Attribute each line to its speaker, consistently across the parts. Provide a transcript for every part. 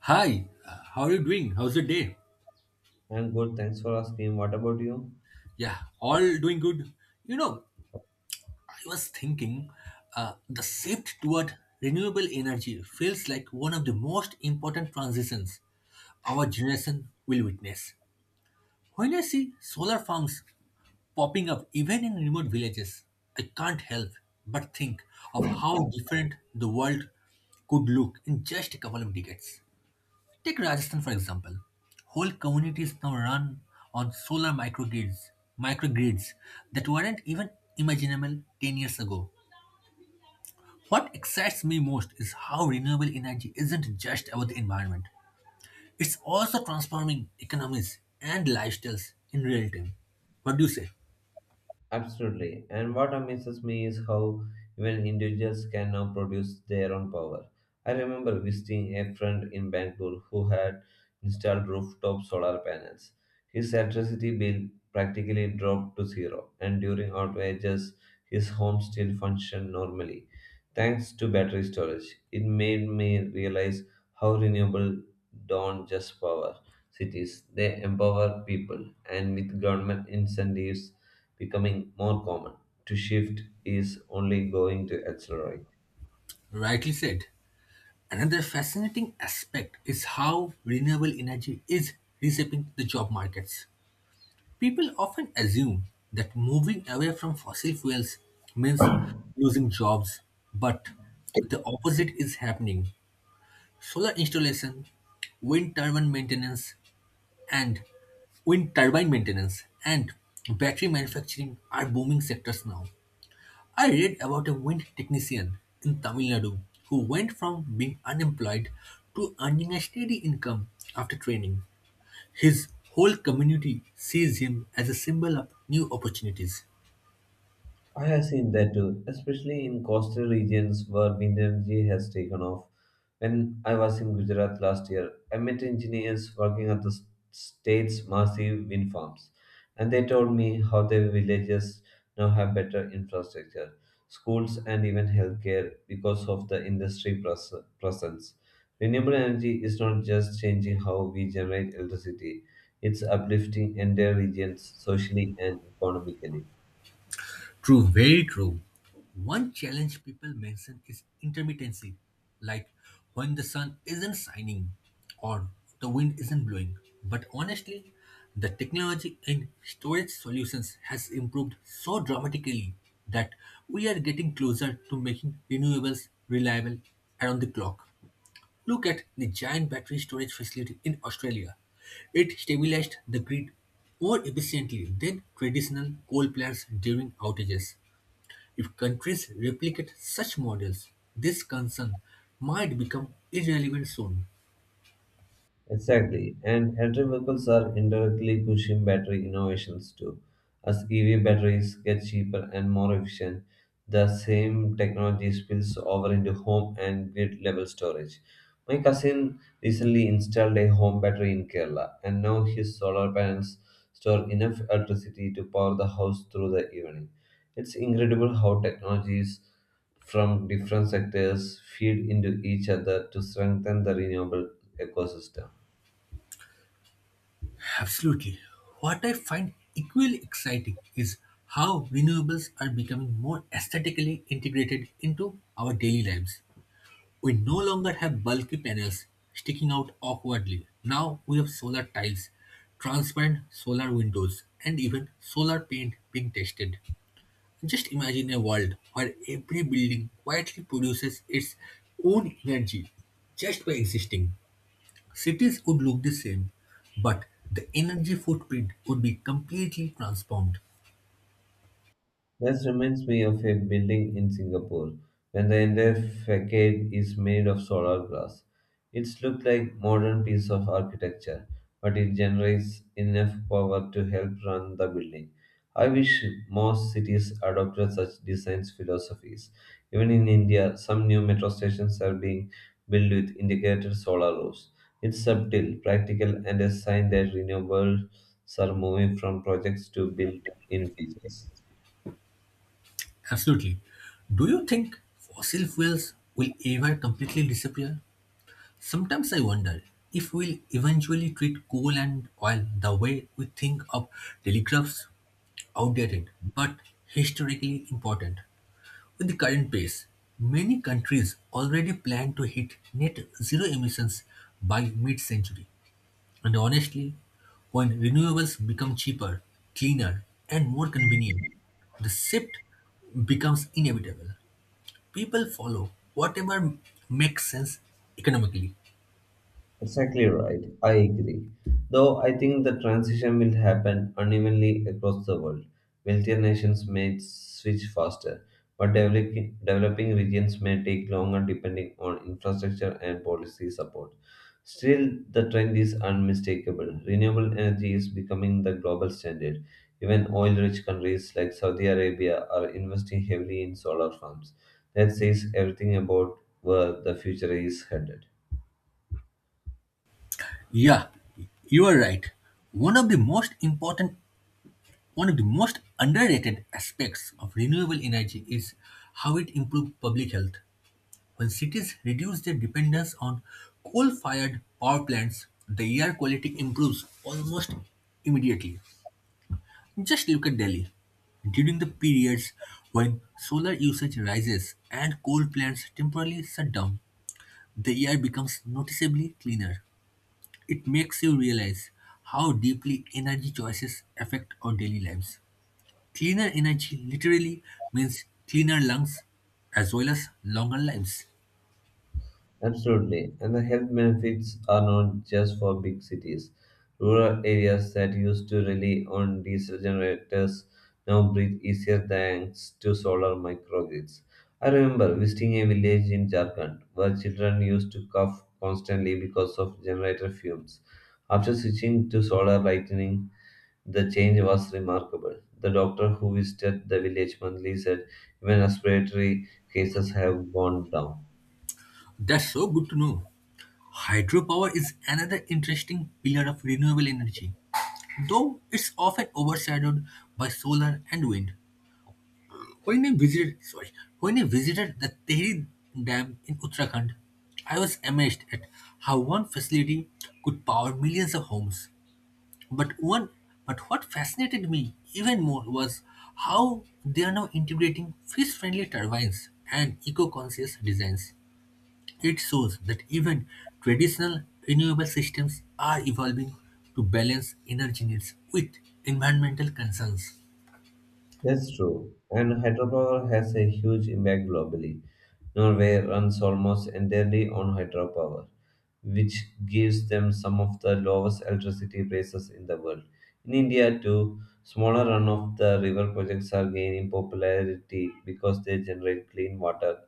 Speaker 1: Hi, how are you doing? How's the day?
Speaker 2: I'm good, thanks for asking. What about you?
Speaker 1: Yeah, all doing good. You know, I was thinking the shift toward renewable energy feels like one of the most important transitions our generation will witness. When I see solar farms popping up even in remote villages, I can't help but think of how different the world could look in just a couple of decades. Take Rajasthan for example. Whole communities now run on solar microgrids, microgrids that weren't even imaginable 10 years ago. What excites me most is how renewable energy isn't just about the environment. It's also transforming economies and lifestyles in real time. What do you say?
Speaker 2: Absolutely. And what amazes me is how even individuals can now produce their own power. I remember visiting a friend in Bangalore who had installed rooftop solar panels. His electricity bill practically dropped to zero, and during outages, his home still functioned normally, thanks to battery storage. It made me realize how renewable don't just power cities, they empower people, and with government incentives becoming more common. To shift is only going to accelerate.
Speaker 1: Rightly said. Another fascinating aspect is how renewable energy is reshaping the job markets. People often assume that moving away from fossil fuels means losing jobs, but the opposite is happening. Solar installation, wind turbine maintenance, and wind turbine maintenance and battery manufacturing are booming sectors now. I read about a wind technician in Tamil Nadu who went from being unemployed to earning a steady income after training. His whole community sees him as a symbol of new opportunities.
Speaker 2: I have seen that too, especially in coastal regions where wind energy has taken off. When I was in Gujarat last year, I met engineers working at state's massive wind farms, and they told me how their villages now have better infrastructure, schools, and even healthcare because of the industry presence. Renewable energy is not just changing how we generate electricity, it's uplifting entire regions socially and economically.
Speaker 1: True, very true. One challenge people mention is intermittency, like when the sun isn't shining or the wind isn't blowing. But honestly, the technology in storage solutions has improved so dramatically that we are getting closer to making renewables reliable around the clock. Look at the giant battery storage facility in Australia. It stabilized the grid more efficiently than traditional coal plants during outages. If countries replicate such models, this concern might become irrelevant soon.
Speaker 2: Exactly, and electric vehicles are indirectly pushing battery innovations too. As EV batteries get cheaper and more efficient, the same technology spills over into home and grid level storage. My cousin recently installed a home battery in Kerala, and now his solar panels store enough electricity to power the house through the evening. It's incredible how technologies from different sectors feed into each other to strengthen the renewable ecosystem.
Speaker 1: Absolutely. What I find equally exciting is how renewables are becoming more aesthetically integrated into our daily lives. We no longer have bulky panels sticking out awkwardly. Now we have solar tiles, transparent solar windows, and even solar paint being tested. Just imagine a world where every building quietly produces its own energy just by existing. Cities would look the same, but the energy footprint would be completely transformed.
Speaker 2: That reminds me of a building in Singapore when the entire facade is made of solar glass. It's looked like modern piece of architecture, but it generates enough power to help run the building. I wish more cities adopted such design philosophies. Even in India, some new metro stations are being built with integrated solar roofs. It's subtle, practical, and a sign that renewables are moving from projects to built-in features.
Speaker 1: Absolutely. Do you think fossil fuels will ever completely disappear? Sometimes I wonder if we'll eventually treat coal and oil the way we think of telegraphs, outdated but historically important. With the current pace, many countries already plan to hit net zero emissions by mid century. And honestly, when renewables become cheaper, cleaner, and more convenient, the shift becomes inevitable. People follow whatever makes sense economically.
Speaker 2: Exactly right. I agree. Though I think the transition will happen unevenly across the world. Wealthier nations may switch faster, but developing regions may take longer depending on infrastructure and policy support. Still, the trend is unmistakable. Renewable energy is becoming the global standard. Even oil rich countries like Saudi Arabia are investing heavily in solar farms. That says everything about where the future is headed.
Speaker 1: Yeah, you are right. One of the most important, One of the most underrated aspects of renewable energy is how it improves public health. When cities reduce their dependence on coal fired power plants, the air quality improves almost immediately. Just look at Delhi. During the periods when solar usage rises and coal plants temporarily shut down, the air becomes noticeably cleaner. It makes you realize how deeply energy choices affect our daily lives. Cleaner energy literally means cleaner lungs as well as longer lives.
Speaker 2: Absolutely. And the health benefits are not just for big cities. Rural areas that used to rely on diesel generators now breathe easier thanks to solar microgrids. I remember visiting a village in Jharkhand where children used to cough constantly because of generator fumes. After switching to solar lighting, the change was remarkable. The doctor who visited the village monthly said even respiratory cases have gone down.
Speaker 1: That's so good to know. Hydropower is another interesting pillar of renewable energy, though it's often overshadowed by solar and wind. When I visited, sorry, when I visited the Tehri Dam in Uttarakhand, I was amazed at how one facility could power millions of homes. But one, but what fascinated me even more was how they are now integrating fish-friendly turbines and eco-conscious designs. It shows that even traditional renewable systems are evolving to balance energy needs with environmental concerns.
Speaker 2: That's true. And hydropower has a huge impact globally. Norway runs almost entirely on hydropower, which gives them some of the lowest electricity prices in the world. In India, too, smaller run of the river projects are gaining popularity because they generate clean water,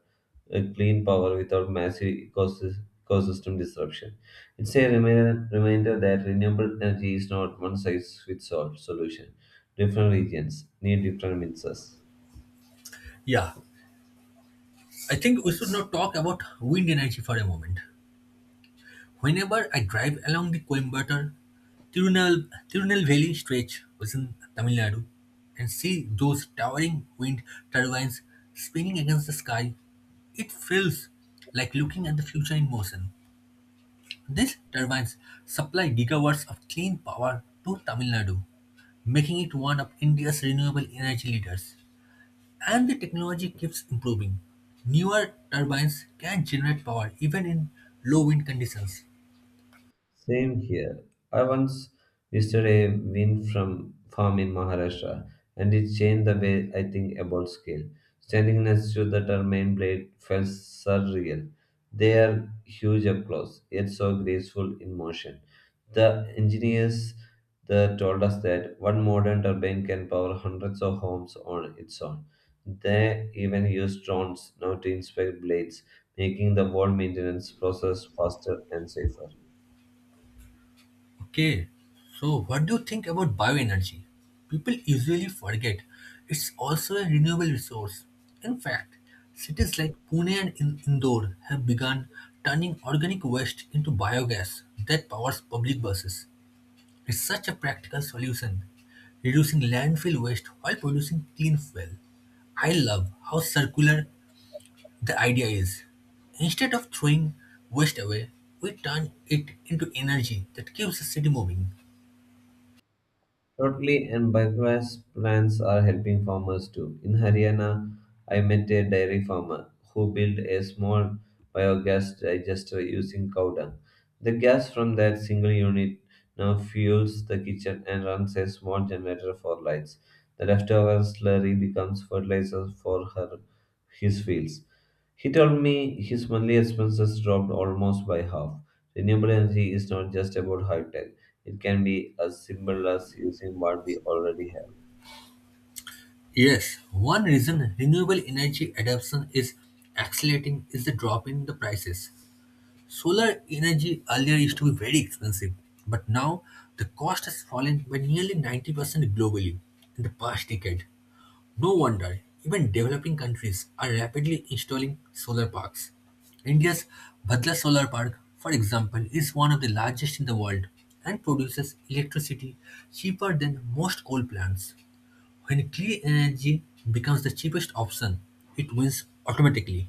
Speaker 2: clean power without massive ecosystem disruption. It's a reminder that renewable energy is not one size fits all solution. Different regions need different mixes.
Speaker 1: Yeah, I think we should now talk about wind energy for a moment. Whenever I drive along the Coimbatore Tirunelveli stretch within Tamil Nadu and see those towering wind turbines swinging against the sky, it feels like looking at the future in motion. These turbines supply gigawatts of clean power to Tamil Nadu, making it one of India's renewable energy leaders. And the technology keeps improving. Newer turbines can generate power even in low wind conditions.
Speaker 2: Same here. I once visited a wind from farm in Maharashtra, and it changed the way I think about scale. Standing next to the turbine blade felt surreal. They are huge up close, yet so graceful in motion. The engineers there told us that one modern turbine can power hundreds of homes on its own. They even use drones now to inspect blades, making the wall maintenance process faster and safer.
Speaker 1: Okay, so what do you think about bioenergy? People usually forget it's also a renewable resource. In fact, cities like Pune and Indore have begun turning organic waste into biogas that powers public buses. It's such a practical solution, reducing landfill waste while producing clean fuel. I love how circular the idea is. Instead of throwing waste away, we turn it into energy that keeps the city moving.
Speaker 2: Totally, and biogas plants are helping farmers too. In Haryana, I met a dairy farmer who built a small biogas digester using cow dung. The gas from that single unit now fuels the kitchen and runs a small generator for lights. The leftover slurry becomes fertilizer for her his fields. He told me his monthly expenses dropped almost by half. Renewable energy is not just about high tech, it can be as simple as using what we already have.
Speaker 1: Yes, one reason renewable energy adoption is accelerating is the drop in the prices. Solar energy earlier used to be very expensive, but now the cost has fallen by nearly 90% globally in the past decade. No wonder even developing countries are rapidly installing solar parks. India's Bhadla Solar Park, for example, is one of the largest in the world and produces electricity cheaper than most coal plants. When clean energy becomes the cheapest option, it wins automatically.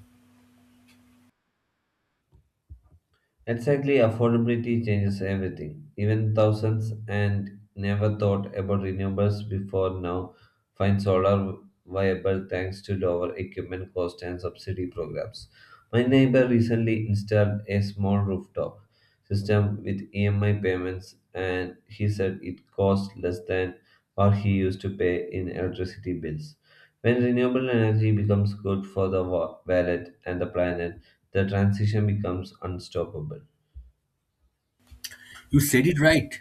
Speaker 2: Exactly, affordability changes everything. Even thousands and never thought about renewables before now find solar viable thanks to lower equipment cost and subsidy programs. My neighbor recently installed a small rooftop system with EMI payments, and he said it cost less than what he used to pay in electricity bills. When renewable energy becomes good for the wallet and the planet, the transition becomes unstoppable.
Speaker 1: You said it right.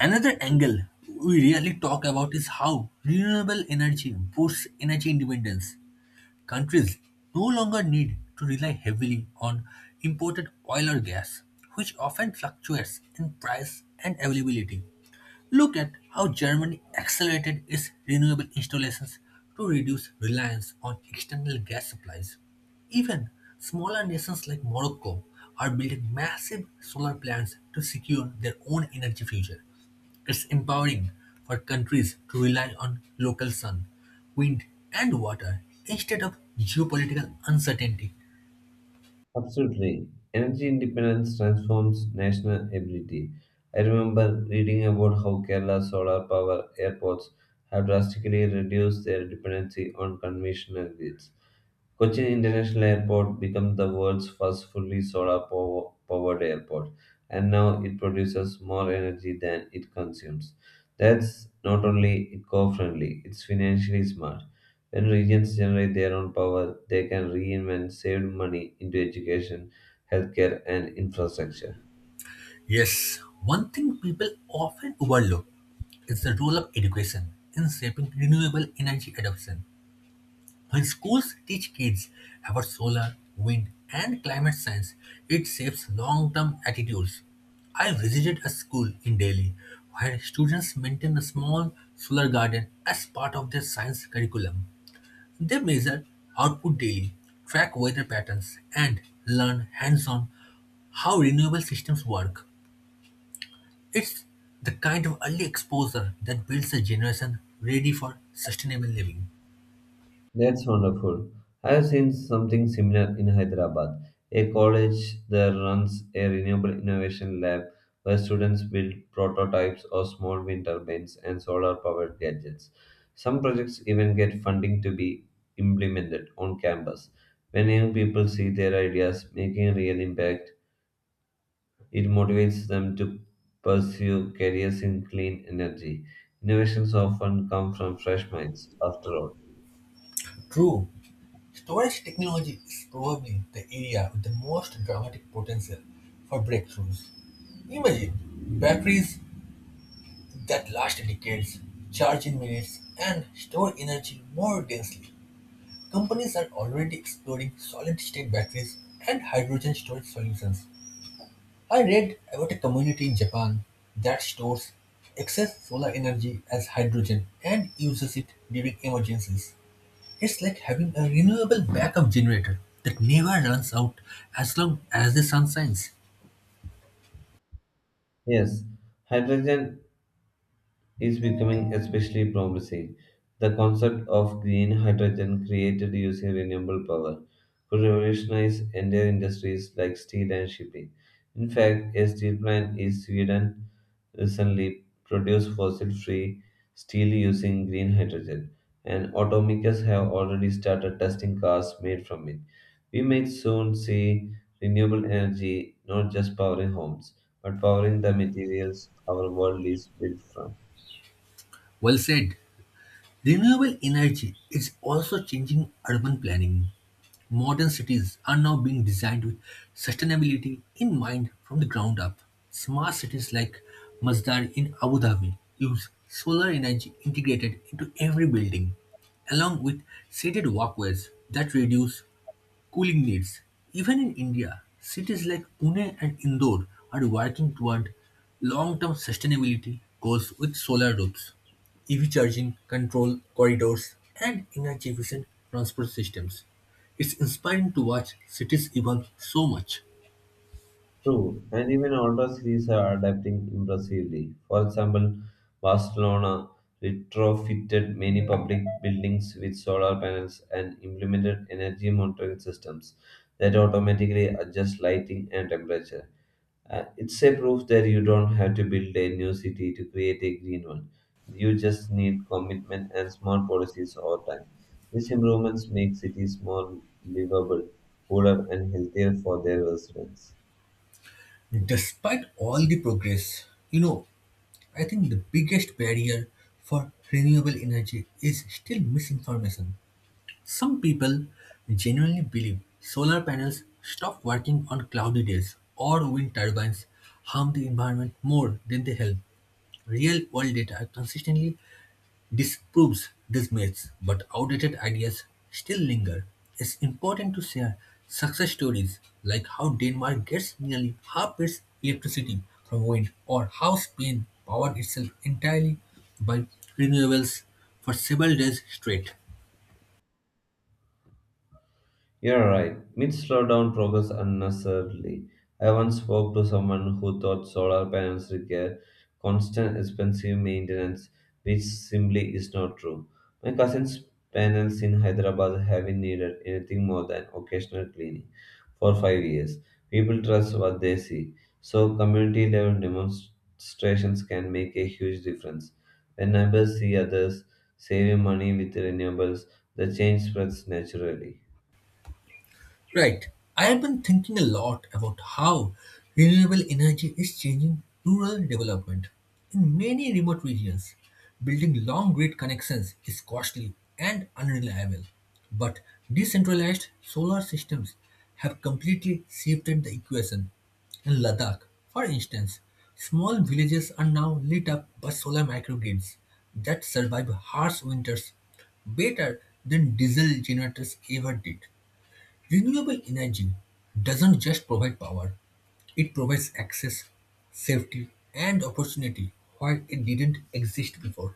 Speaker 1: Another angle we rarely talk about is how renewable energy boosts energy independence. Countries no longer need to rely heavily on imported oil or gas, which often fluctuates in price and availability. Look at how Germany accelerated its renewable installations to reduce reliance on external gas supplies. Even smaller nations like Morocco are building massive solar plants to secure their own energy future. It's empowering for countries to rely on local sun, wind, and water instead of geopolitical uncertainty.
Speaker 2: Absolutely. Energy independence transforms national ability. I remember reading about how Kerala's solar power airports have drastically reduced their dependency on conventional grids. Cochin International Airport became the world's first fully solar powered airport, and now it produces more energy than it consumes. That's not only eco friendly, it's financially smart. When regions generate their own power, they can reinvest saved money into education, healthcare, and infrastructure.
Speaker 1: Yes, one thing people often overlook is the role of education in shaping renewable energy adoption. When schools teach kids about solar, wind, and climate science, it shapes long term attitudes. I visited a school in Delhi where students maintain a small solar garden as part of their science curriculum. They measure output daily, track weather patterns, and learn hands on how renewable systems work. It's the kind of early exposure that builds a generation ready for sustainable living.
Speaker 2: That's wonderful. I have seen something similar in Hyderabad, a college that runs a renewable innovation lab where students build prototypes of small wind turbines and solar powered gadgets. Some projects even get funding to be implemented on campus. When young people see their ideas making a real impact, it motivates them to pursue careers in clean energy. Innovations often come from fresh minds, after all.
Speaker 1: True. Storage technology is probably the area with the most dramatic potential for breakthroughs. Imagine batteries that last decades, charge in minutes, and store energy more densely. Companies are already exploring solid state batteries and hydrogen storage solutions. I read about a community in Japan that stores excess solar energy as hydrogen and uses it during emergencies. It's like having a renewable backup generator that never runs out as long as the sun shines.
Speaker 2: Yes, hydrogen is becoming especially promising. The concept of green hydrogen created using renewable power could revolutionize entire industries like steel and shipping. In fact, a steel plant in Sweden recently produced fossil free steel using green hydrogen, and automakers have already started testing cars made from it. We may soon see renewable energy not just powering homes, but powering the materials our world is built from.
Speaker 1: Well said. Renewable energy is also changing urban planning. Modern cities are now being designed with sustainability in mind from the ground up. Smart cities like Masdar in Abu Dhabi use solar energy integrated into every building, along with shaded walkways that reduce cooling needs. Even in India, cities like Pune and Indore are working toward long-term sustainability goals with solar roofs, EV charging control corridors, and energy-efficient transport systems. It's inspiring to watch cities evolve so much.
Speaker 2: True, and even older cities are adapting impressively. For example, Barcelona retrofitted many public buildings with solar panels and implemented energy monitoring systems that automatically adjust lighting and temperature. It's a proof that you don't have to build a new city to create a green one. You just need commitment and smart policies over time. These improvements make cities more livable, cooler, and healthier for their residents.
Speaker 1: Despite all the progress, you know, I think the biggest barrier for renewable energy is still misinformation. Some people genuinely believe solar panels stop working on cloudy days or wind turbines harm the environment more than they help. Real world data consistently disproves these myths, but outdated ideas still linger. It's important to share success stories like how Denmark gets nearly half its electricity from wind or how Spain powered itself entirely by renewables for several days straight.
Speaker 2: You're right. Myths slow down progress unnecessarily. I once spoke to someone who thought solar panels require constant expensive maintenance, which simply is not true. My cousin's panels in Hyderabad haven't needed anything more than occasional cleaning for 5 years. People trust what they see, so community level demonstrations can make a huge difference. When neighbors see others saving money with renewables, the change spreads naturally.
Speaker 1: Right. I have been thinking a lot about how renewable energy is changing rural development. In many remote regions, building long grid connections is costly and unreliable. But decentralized solar systems have completely shifted the equation. In Ladakh, for instance, small villages are now lit up by solar microgrids that survive harsh winters better than diesel generators ever did. Renewable energy doesn't just provide power, it provides access, safety, and opportunity where it didn't exist before.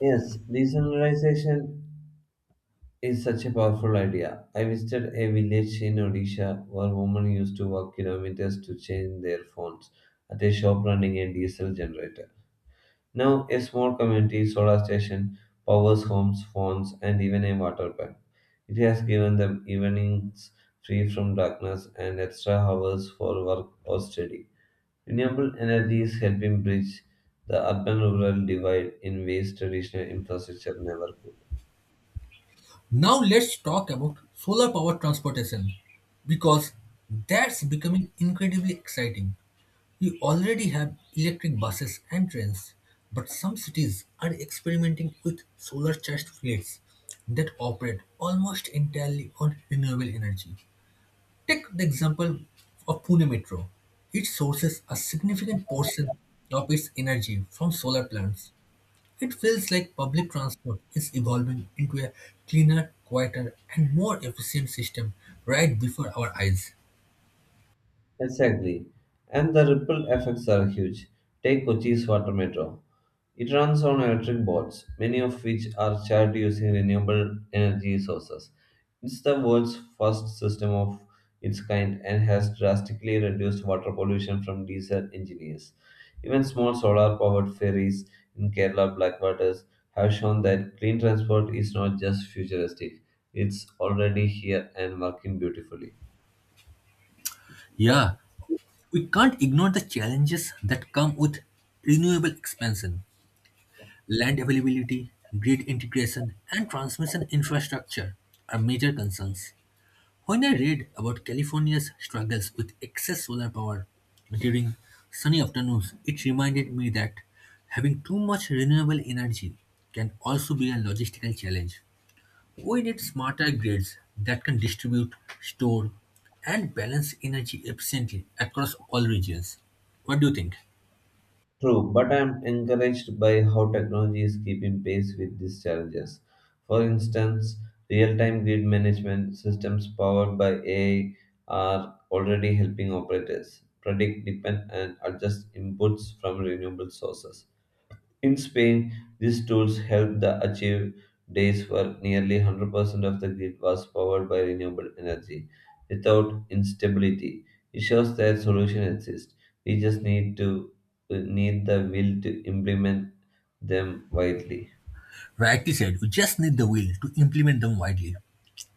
Speaker 2: Yes, decentralization is such a powerful idea. I visited a village in Odisha where women used to walk kilometers to change their phones at a shop running a diesel generator. Now, a small community solar station powers homes, phones, and even a water pump. It has given them evenings free from darkness and extra hours for work or study. Renewable energy is helping bridge the urban rural divide in ways traditional infrastructure never could.
Speaker 1: Now let's talk about solar power transportation because that's becoming incredibly exciting. We already have electric buses and trains, but some cities are experimenting with solar charged fleets that operate almost entirely on renewable energy. Take the example of Pune Metro. It sources a significant portion of its energy from solar plants. It feels like public transport is evolving into a cleaner, quieter, and more efficient system right before our eyes.
Speaker 2: Exactly. And the ripple effects are huge. Take Kochi's water metro. It runs on electric boats, many of which are charged using renewable energy sources. It's the world's first system of its kind and has drastically reduced water pollution from diesel engines. Even small solar powered ferries in Kerala Blackwaters have shown that clean transport is not just futuristic, it's already here and working beautifully.
Speaker 1: Yeah, we can't ignore the challenges that come with renewable expansion. Land availability, grid integration, and transmission infrastructure are major concerns. When I read about California's struggles with excess solar power during sunny afternoons, it reminded me that having too much renewable energy can also be a logistical challenge. We need smarter grids that can distribute, store, and balance energy efficiently across all regions. What do you think?
Speaker 2: True, but I am encouraged by how technology is keeping pace with these challenges. For instance, real time grid management systems powered by AI are already helping operators predict, depend, and adjust inputs from renewable sources. In Spain, these tools helped the achieve days where nearly 100% of the grid was powered by renewable energy without instability. It shows that solution exists. We just need to need the will to implement them widely.
Speaker 1: Rightly said, we just need the will to implement them widely.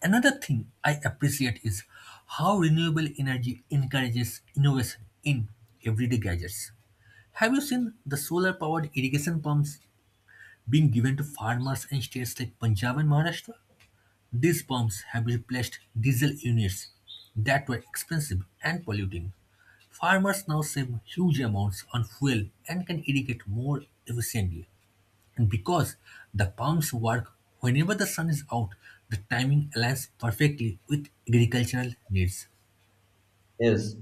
Speaker 1: Another thing I appreciate is how renewable energy encourages innovation in everyday gadgets. Have you seen the solar powered irrigation pumps being given to farmers in states like Punjab and Maharashtra? These pumps have replaced diesel units that were expensive and polluting. Farmers now save huge amounts on fuel and can irrigate more efficiently. And because the pumps work whenever the sun is out, the timing aligns perfectly with agricultural needs.
Speaker 2: Yes,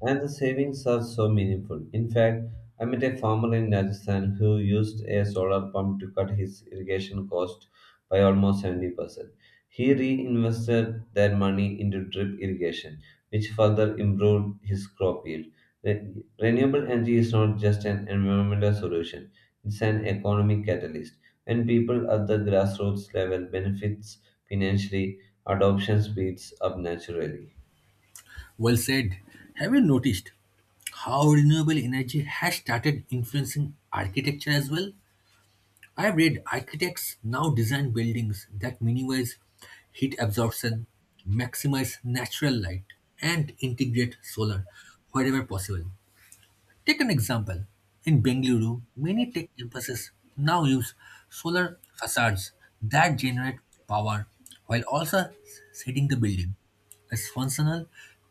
Speaker 2: and the savings are so meaningful. In fact, I met a farmer in Rajasthan who used a solar pump to cut his irrigation cost by almost 70%. He reinvested that money into drip irrigation, which further improved his crop yield. Renewable energy is not just an environmental solution, it's an economic catalyst. When people at the grassroots level benefits financially, adoption speeds up naturally.
Speaker 1: Well said. Have you noticed how renewable energy has started influencing architecture as well? I've read architects now design buildings that minimize heat absorption, maximize natural light, and integrate solar wherever possible. Take an example. In Bengaluru, many tech campuses now use solar facades that generate power while also shading the building. It's functional,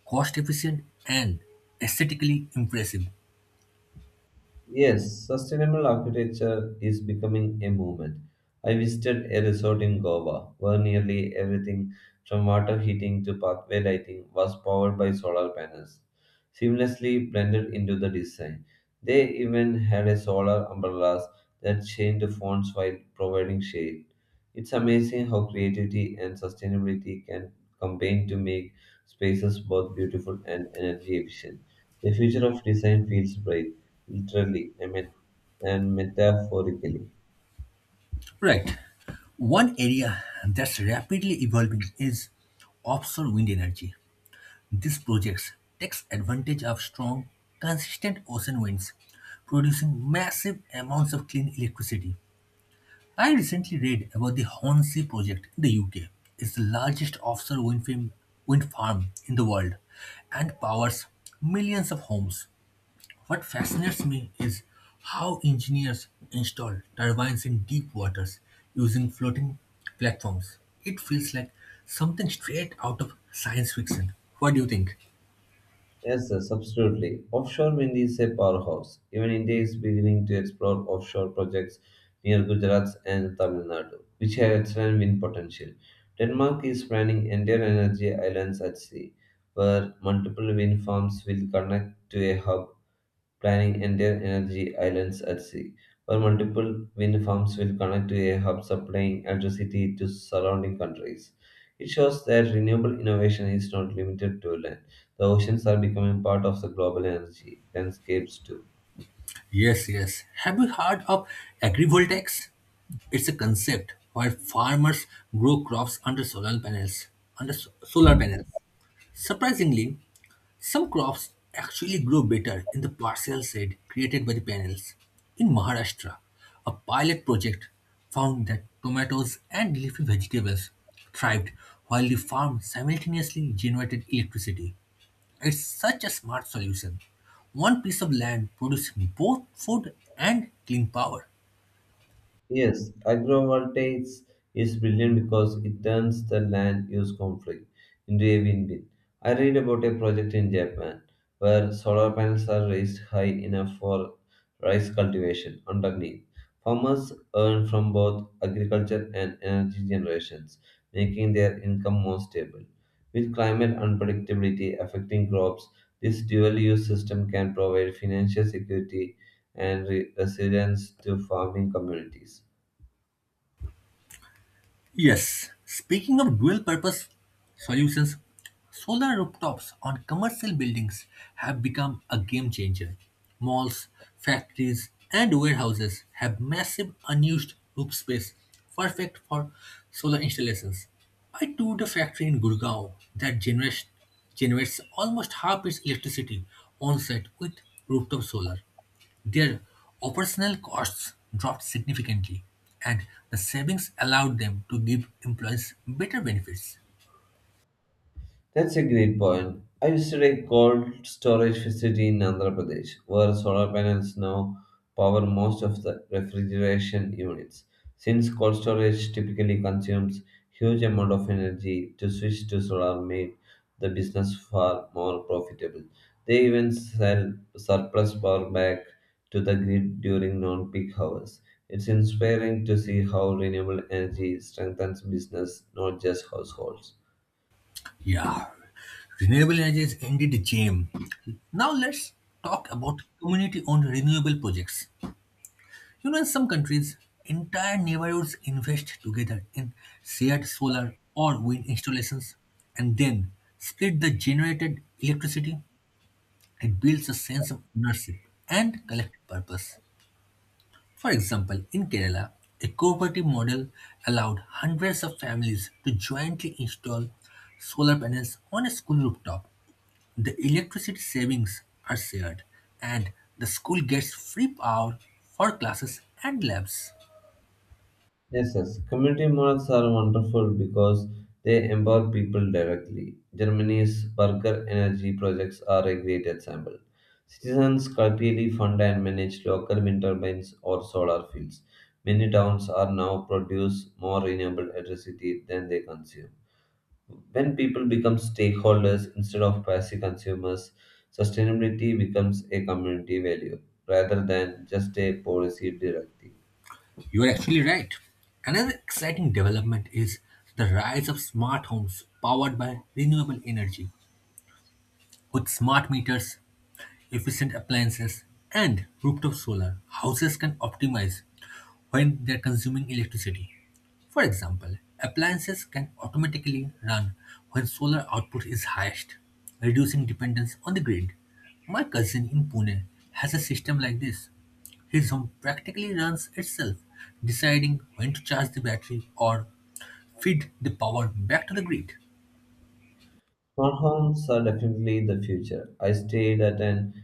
Speaker 1: cost efficient, and aesthetically impressive.
Speaker 2: Yes, sustainable architecture is becoming a movement. I visited a resort in Goa where nearly everything from water heating to pathway lighting was powered by solar panels, seamlessly blended into the design. They even had a solar umbrellas that changed fonts while providing shade. It's amazing how creativity and sustainability can combine to make spaces both beautiful and energy efficient. The future of design feels bright literally I mean, and metaphorically.
Speaker 1: Right. One area that's rapidly evolving is offshore wind energy. These projects takes advantage of strong, consistent ocean winds, producing massive amounts of clean electricity. I recently read about the Hornsea project in the UK. It's the largest offshore wind farm, in the world and powers millions of homes. What fascinates me is how engineers install turbines in deep waters using floating platforms. It feels like something straight out of science fiction. What do you think?
Speaker 2: Yes, Absolutely. Offshore wind is a powerhouse. Even India is beginning to explore offshore projects near Gujarat and Tamil Nadu, which have excellent wind potential. Denmark is planning entire energy islands at sea, where multiple wind farms will connect to a hub planning entire energy islands at sea, where multiple wind farms will connect to a hub supplying electricity to surrounding countries. It shows that renewable innovation is not limited to land. The oceans are becoming part of the global energy landscapes too.
Speaker 1: Yes, yes, have you heard of agrivoltaics? It's a concept where farmers grow crops under solar panels. Solar panels. Surprisingly, some crops actually grow better in the partial shade created by the panels. In Maharashtra, a pilot project found that tomatoes and leafy vegetables thrived while the farm simultaneously generated electricity. It's such a smart solution. One piece of land produced both food and clean power.
Speaker 2: Yes, agrivoltaics is brilliant because it turns the land use conflict into a win-win. I read about a project in Japan where solar panels are raised high enough for rice cultivation underneath. Farmers earn from both agriculture and energy generations, making their income more stable. With climate unpredictability affecting crops, this dual-use system can provide financial security and resilience to farming communities.
Speaker 1: Yes, speaking of dual purpose solutions, solar rooftops on commercial buildings have become a game changer. Malls, factories, and warehouses have massive unused roof space perfect for solar installations. I toured a factory in Gurgaon that generates almost half its electricity on site with rooftop solar. Their operational costs dropped significantly, and the savings allowed them to give employees better benefits.
Speaker 2: That's a great point. I visited a cold storage facility in Andhra Pradesh where solar panels now power most of the refrigeration units. Since cold storage typically consumes huge amount of energy to switch to solar made the business far more profitable. They even sell surplus power back to the grid during non-peak hours. It's inspiring to see how renewable energy strengthens business, not just households.
Speaker 1: Yeah, renewable energy is indeed a gem. Now let's talk about community-owned renewable projects. You know, in some countries, entire neighborhoods invest together in shared solar or wind installations and then split the generated electricity. It builds a sense of ownership and collective purpose. For example, in Kerala, a cooperative model allowed hundreds of families to jointly install solar panels on a school rooftop. The electricity savings are shared, and the school gets free power for classes and labs.
Speaker 2: Yes. Community malls are wonderful because they empower people directly. Germany's Burger Energy projects are a great example. Citizens collectively fund and manage local wind turbines or solar fields. Many towns are now produce more renewable electricity than they consume. When people become stakeholders instead of passive consumers, sustainability becomes a community value rather than just a policy directive.
Speaker 1: You are actually right. Another exciting development is the rise of smart homes powered by renewable energy. With smart meters, efficient appliances, and rooftop solar, houses can optimize when they're consuming electricity. For example, appliances can automatically run when solar output is highest, reducing dependence on the grid. My cousin in Pune has a system like this. His home practically runs itself, deciding when to charge the battery or feed the power back to the grid.
Speaker 2: Smart homes are definitely the future. I stayed at an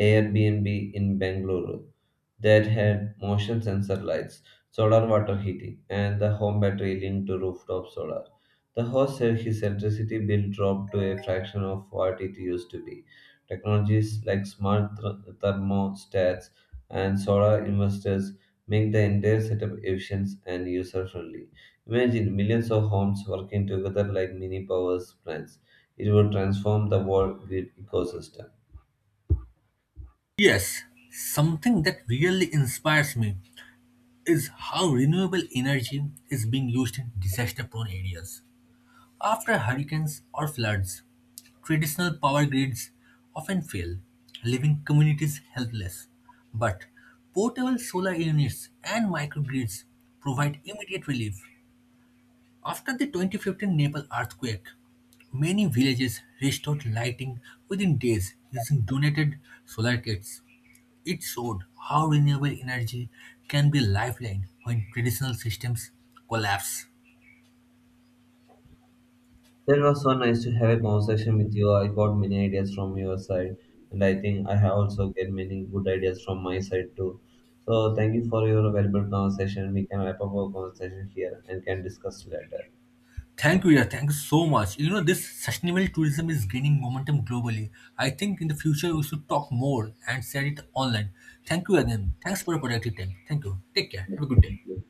Speaker 2: Airbnb in Bangalore that had motion sensor lights, solar water heating, and the home battery linked to rooftop solar. The host said his electricity bill dropped to a fraction of what it used to be. Technologies like smart thermostats and solar inverters make the entire setup efficient and user friendly. Imagine millions of homes working together like mini power plants. It would transform the world grid ecosystem.
Speaker 1: Yes, something that really inspires me is how renewable energy is being used in disaster prone areas. After hurricanes or floods, traditional power grids often fail, leaving communities helpless. But portable solar units and microgrids provide immediate relief. After the 2015 Nepal earthquake, many villages restored lighting within days using donated solar kits. It showed how renewable energy can be a lifeline when traditional systems collapse.
Speaker 2: That was so nice to have a conversation with you. I got many ideas from your side, and I think I have also get many good ideas from my side too. So thank you for your valuable conversation. We can wrap up our conversation here and can discuss later.
Speaker 1: Thank you, yeah, thank you so much. You know, this sustainable tourism is gaining momentum globally. I think in the future we should talk more and share it online. Thank you again. Thanks for your productive time. Thank you. Take care. Have a good day.